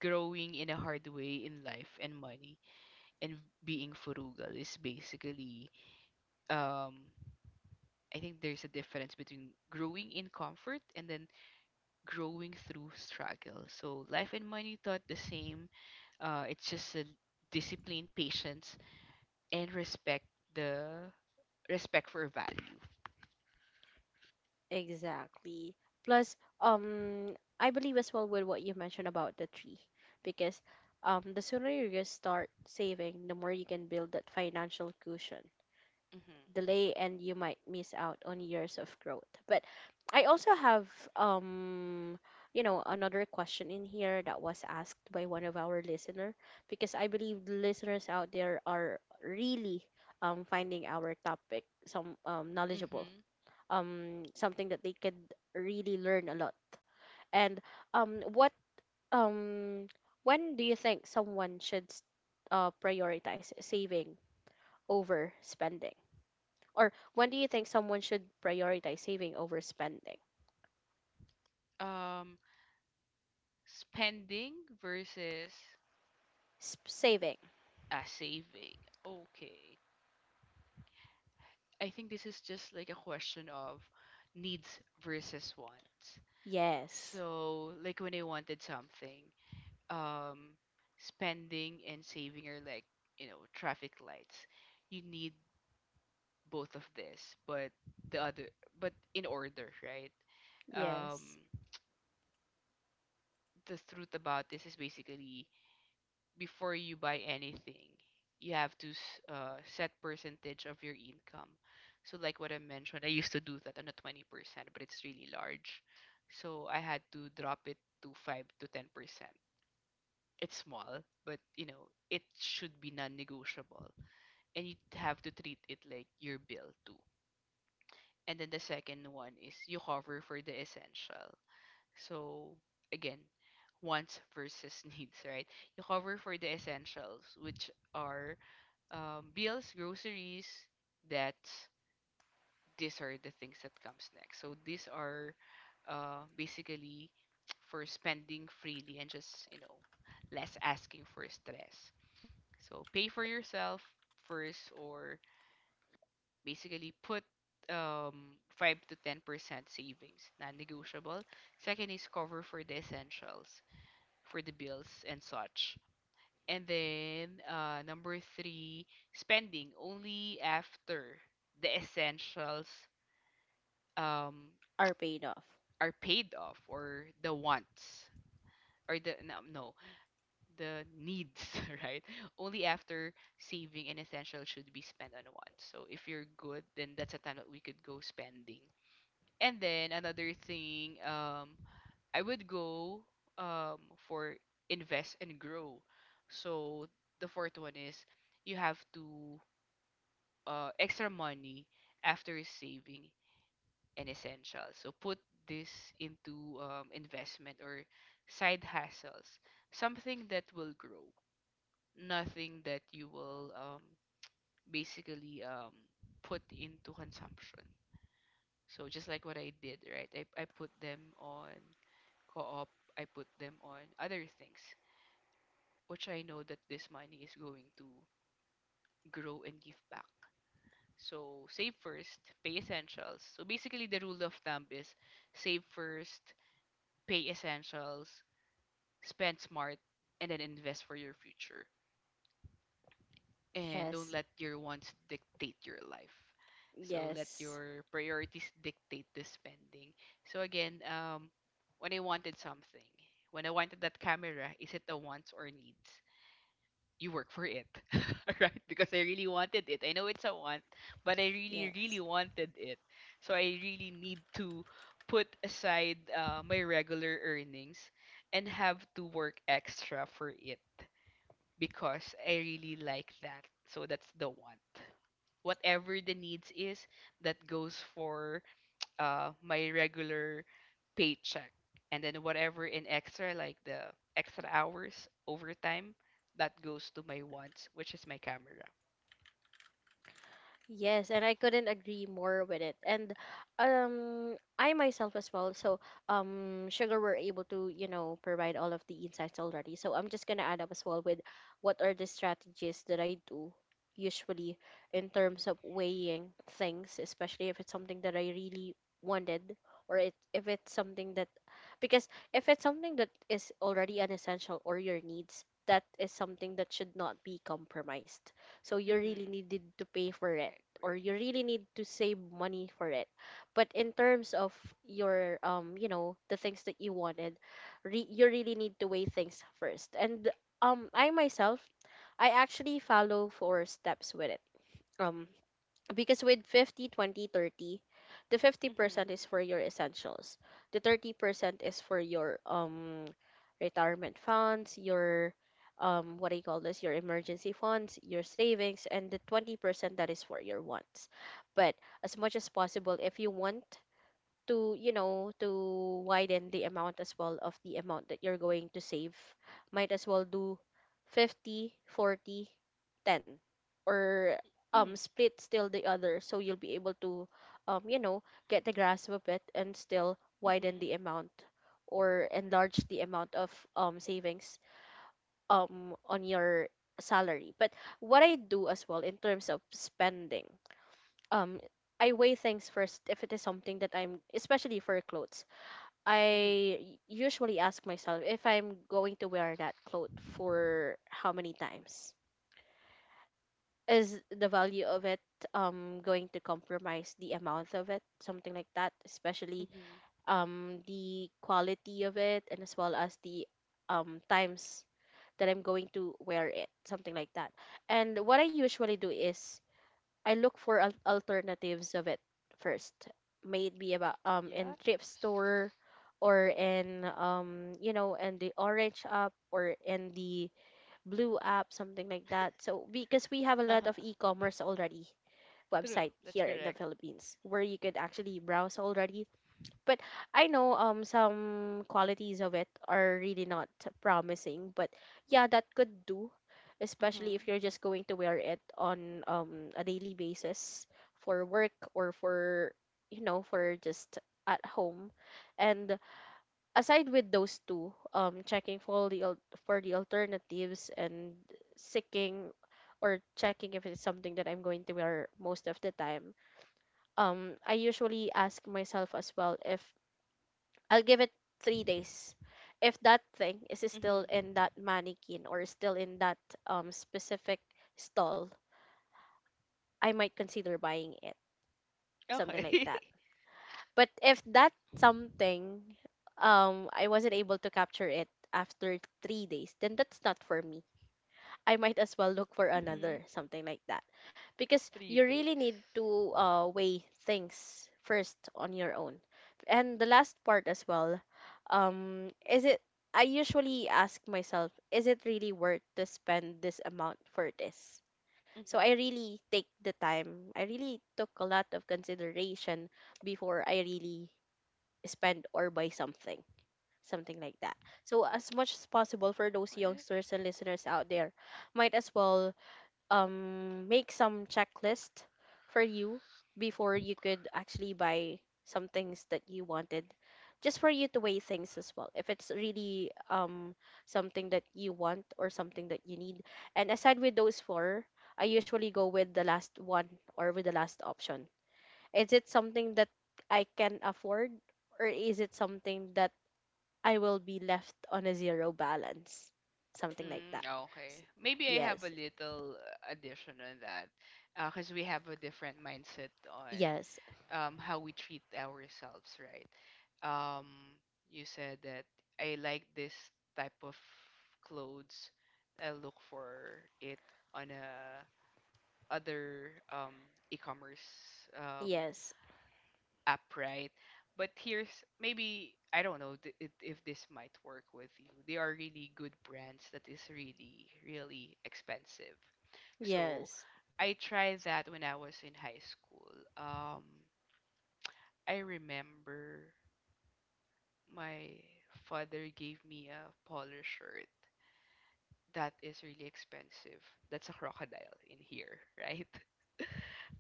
Speaker 2: growing in a hard way in life and money and being frugal is basically um I think there's a difference between growing in comfort and then growing through struggle. So life and money taught the same. It's just a discipline, patience, and respect the respect for value.
Speaker 1: Exactly. Plus, um I believe as well with what you mentioned about the tree, because the sooner you just start saving, the more you can build that financial cushion.
Speaker 2: Mm-hmm.
Speaker 1: Delay, and you might miss out on years of growth. But I also have, um you know, another question in here that was asked by one of our listener, because I believe the listeners out there are really finding our topic some knowledgeable,
Speaker 2: Mm-hmm.
Speaker 1: something that they could really learn a lot. And what um when do you think someone should prioritize saving over spending? Or when do you think someone should prioritize saving over spending?
Speaker 2: Um, spending versus
Speaker 1: Saving.
Speaker 2: saving. Okay. I think this is just like a question of needs versus wants.
Speaker 1: Yes.
Speaker 2: So, like when I wanted something, um, spending and saving are like, traffic lights. You need both of this, but the other, but in order, right?
Speaker 1: Yes.
Speaker 2: Um, the truth about this is basically before you buy anything, you have to set percentage of your income. So like what I mentioned, I used to do that on a 20%, but it's really large. So I had to drop it to 5 to 10%. It's small, but it should be non-negotiable. And you have to treat it like your bill too. And then the second one is you cover for the essential. So again, wants versus needs, right? You cover for the essentials, which are bills, groceries, debts. These are the things that comes next. So these are basically for spending freely and just less asking for stress. So pay for yourself first, or basically put 5 to 10% savings, non-negotiable. Second is cover for the essentials for the bills and such. And then number three, spending only after the essentials um,
Speaker 1: Are paid off.
Speaker 2: are paid off, or the wants, or the no, no, the needs, right? Only after saving and essential should be spent on wants. So if you're good, then that's a time that we could go spending. And then another thing, I would go um for invest and grow. So the fourth one is you have to extra money after saving and essentials. So put this into investment or side hustles, something that will grow, nothing that you will basically put into consumption. So just like what I did, right? I put them on co-op, I put them on other things which I know that this money is going to grow and give back. So save first, pay essentials. So basically, the rule of thumb is save first, pay essentials, spend smart, and then invest for your future. And don't
Speaker 1: Yes.
Speaker 2: let your wants dictate your life. So let
Speaker 1: Yes.
Speaker 2: your priorities dictate the spending. So again, when I wanted something, when I wanted that camera, is it a wants or needs? You work for it, right? Because I really wanted it. I know it's a want, but I really,
Speaker 1: Yes.
Speaker 2: really wanted it. So I really need to put aside my regular earnings and have to work extra for it because I really like that. So that's the want. Whatever the needs is, that goes for my regular paycheck, and then whatever in extra like the extra hours overtime, that goes to my wants which is my camera.
Speaker 1: Yes, and I couldn't agree more with it. And I myself as well. So Sugar were able to, you know, provide all of the insights already. So I'm just gonna add up as well with what are the strategies that I do usually in terms of weighing things, especially if it's something that I really wanted, or it if it's something that, because if it's something that is already an essential or your needs, that is something that should not be compromised. So you really
Speaker 2: Mhm.
Speaker 1: needed to pay for
Speaker 2: I
Speaker 1: it, or
Speaker 2: agree.
Speaker 1: you really need to save money for it. But in terms of your, you know, the things that you wanted, you really need to weigh things first. And I myself, I actually follow four steps with it, um because with 50, 20, 30, the
Speaker 2: Mhm.
Speaker 1: 50% is for your essentials. The 30% is for your retirement funds, your, what do you call this, your emergency funds, your savings, and the 20% that is for your wants. But as much as possible, if you want to to widen the amount as well of the amount that you're going to save, might as well do 50, 40, 10, or
Speaker 2: Mhm.
Speaker 1: split still the other so you'll be able to um you know get the grasp of it and still widen
Speaker 2: Mhm.
Speaker 1: the amount or enlarge the amount of savings on your salary. But what I do as well in terms of spending, um I weigh things first if it is something that I'm, especially for clothes,
Speaker 2: Mhm.
Speaker 1: usually ask myself if I'm going to wear that cloth for how many times. Is the value of it going to compromise the amount of it, something like that, especially
Speaker 2: Mhm.
Speaker 1: the quality of it, and as well as the times that I'm going to wear it, something like that. And what I usually do is I look for alternatives of it first. May it be about in
Speaker 2: Yes.
Speaker 1: thrift store or in in the orange app or in the blue app, something like that. So because we have a lot
Speaker 2: Uh-huh.
Speaker 1: of e-commerce already
Speaker 2: True,
Speaker 1: website
Speaker 2: that's
Speaker 1: here in the
Speaker 2: correct.
Speaker 1: Philippines where you could actually browse already. But I know some qualities of it are really not promising. But yeah, that could do, especially if
Speaker 2: Mhm.
Speaker 1: you're just going to wear it on a daily basis for work or for for just at home. And aside with those two, checking for the for the alternatives and seeking or checking if it's something that I'm going to wear most of the time, I usually ask myself as well if I'll give it 3 days. If that thing is
Speaker 2: Mhm.
Speaker 1: still in that mannequin or still in that specific stall, I might consider buying it, something like
Speaker 2: Okay.
Speaker 1: that. But if that something, I wasn't able to capture it after 3 days, then that's not for me. I might as well look for
Speaker 2: Mhm.
Speaker 1: another, something like that. Because
Speaker 2: 3
Speaker 1: you really
Speaker 2: days.
Speaker 1: need to weigh things first on your own. And the last part as well, um, is it, I usually ask myself, is it really worth to spend this amount for this? So I
Speaker 2: Mhm.
Speaker 1: really take the time. I really took a lot of consideration before I really spend or buy something, something like that. So as much as possible for those
Speaker 2: Okay.
Speaker 1: youngsters and listeners out there, might as well make some checklist for you before you could actually buy some things that you wanted, just for you to weigh things as well if it's really something that you want or something that you need. And aside with those four, I usually go with the last one, or with the last option, is it something that I can afford, or is it something that I will be left on a zero balance, something like
Speaker 2: Mm,
Speaker 1: that.
Speaker 2: okay.
Speaker 1: S-
Speaker 2: Maybe I have a
Speaker 1: yes.
Speaker 2: little addition on that, because we have a different mindset on
Speaker 1: Yes,
Speaker 2: how we treat ourselves, right? Um, you said that I like this type of clothes. I look for it on a other e-commerce,
Speaker 1: yes.
Speaker 2: upright. But here's, maybe I don't know it, if this might work with you. They are really good brands that is really really expensive. So
Speaker 1: Yes,
Speaker 2: I tried that when I was in high school. Um, I remember my father gave me a polo shirt that is really expensive. That's a crocodile in here, right?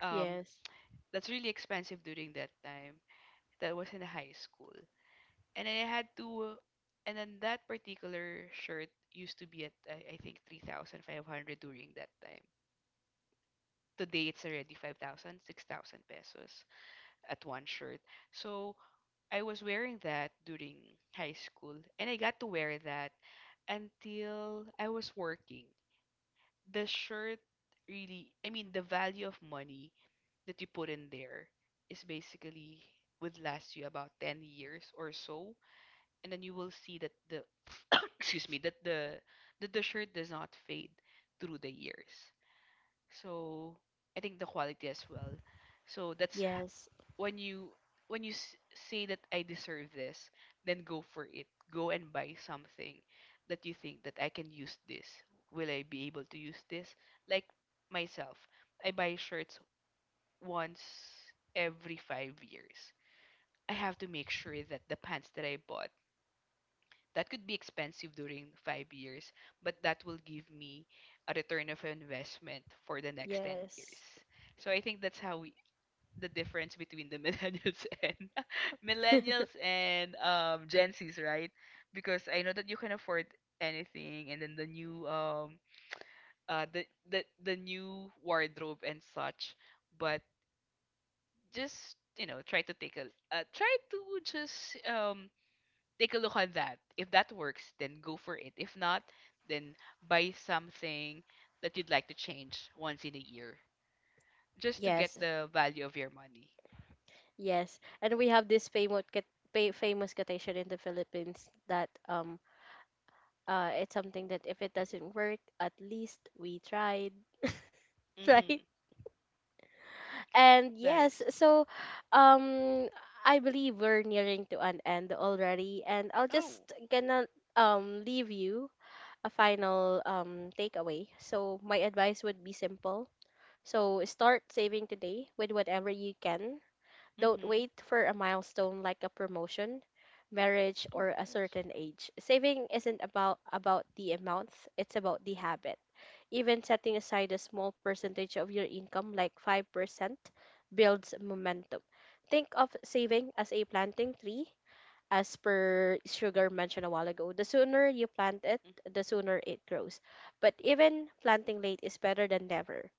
Speaker 2: Um,
Speaker 1: yes,
Speaker 2: that's really expensive during that time. That was in high school. And then I had to, and then that particular shirt used to be at I think 3,500 during that time. Today it's already 5,000, 6,000 pesos at one shirt. So I was wearing that during high school, and I got to wear that until I was working. The shirt really, I mean, the value of money that you put in there is basically would last you about 10 years or so, and then you will see that the excuse me, that the shirt does not fade through the years. So I think the quality as well. So that's
Speaker 1: yes,
Speaker 2: when you when you say that I deserve this, then go for it, go and buy something that you think that I can use this, will I be able to use this, like myself. I buy shirts once every 5 years. I have to make sure that the pants that I bought, that could be expensive during 5 years, but that will give me a return of investment for the next 10 years.
Speaker 1: yes,
Speaker 2: So I think that's how we, the difference between the millennials and millennials and Gen Zs, right? Because I know that you can afford anything, and then uh the the new wardrobe and such, but just try to just take a look on that. If that works, then go for it. If not, then buy something that you'd like to change once in a year, just to
Speaker 1: yes,
Speaker 2: get the value of your money.
Speaker 1: yes. And we have this famous quotation in the Philippines that it's something that if it doesn't work, at least we tried, right?
Speaker 2: Mm-hmm.
Speaker 1: And
Speaker 2: That
Speaker 1: yes,
Speaker 2: is.
Speaker 1: so um I believe we're nearing to an end already, and I'll
Speaker 2: Oh.
Speaker 1: just gonna leave you a final takeaway. So my advice would be simple. So start saving today with whatever you can. Don't
Speaker 2: Mm-hmm.
Speaker 1: wait for a milestone like a promotion, marriage,
Speaker 2: Oh,
Speaker 1: or a
Speaker 2: yes.
Speaker 1: certain age. Saving isn't about the amount, it's about the habit. Even setting aside a small percentage of your income like 5% builds momentum. Think of saving as a planting tree, as per Sugar mentioned a while ago. The sooner you plant it, the
Speaker 2: Mm-hmm.
Speaker 1: sooner it grows. But even planting late is better than never.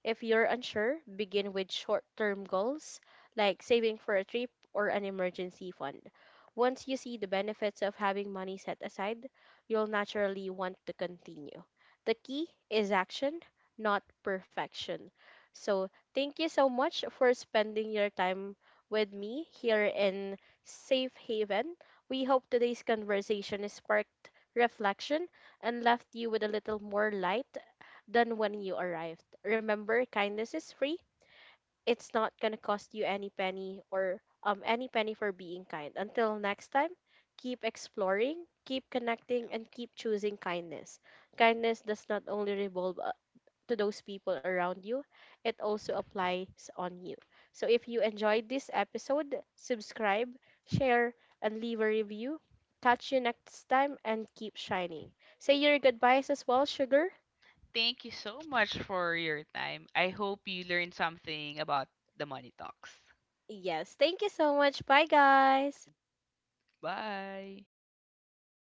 Speaker 1: If you're unsure, begin with short term goals like saving for a trip or an emergency fund. Once you see the benefits of having money set aside, you'll naturally want to continue. The key is action, not perfection. So, thank you so much for spending your time with me here in Safe Haven. We hope today's conversation has sparked reflection and left you with a little more light than when you arrived. Remember, kindness is free. It's not going to cost you any penny or any penny for being kind. Until next time, keep exploring, keep connecting, and
Speaker 2: Okay.
Speaker 1: keep choosing kindness. Kindness does not only revolve to those people around you, it also applies on you. So if you enjoyed this episode, subscribe, share, and leave a review. Catch you next time and keep shining. Say your goodbyes as well, Sugar.
Speaker 2: Thank you so much for your time. I hope you learned something about the money talks.
Speaker 1: Yes, thank you so much. Bye, guys.
Speaker 2: Bye.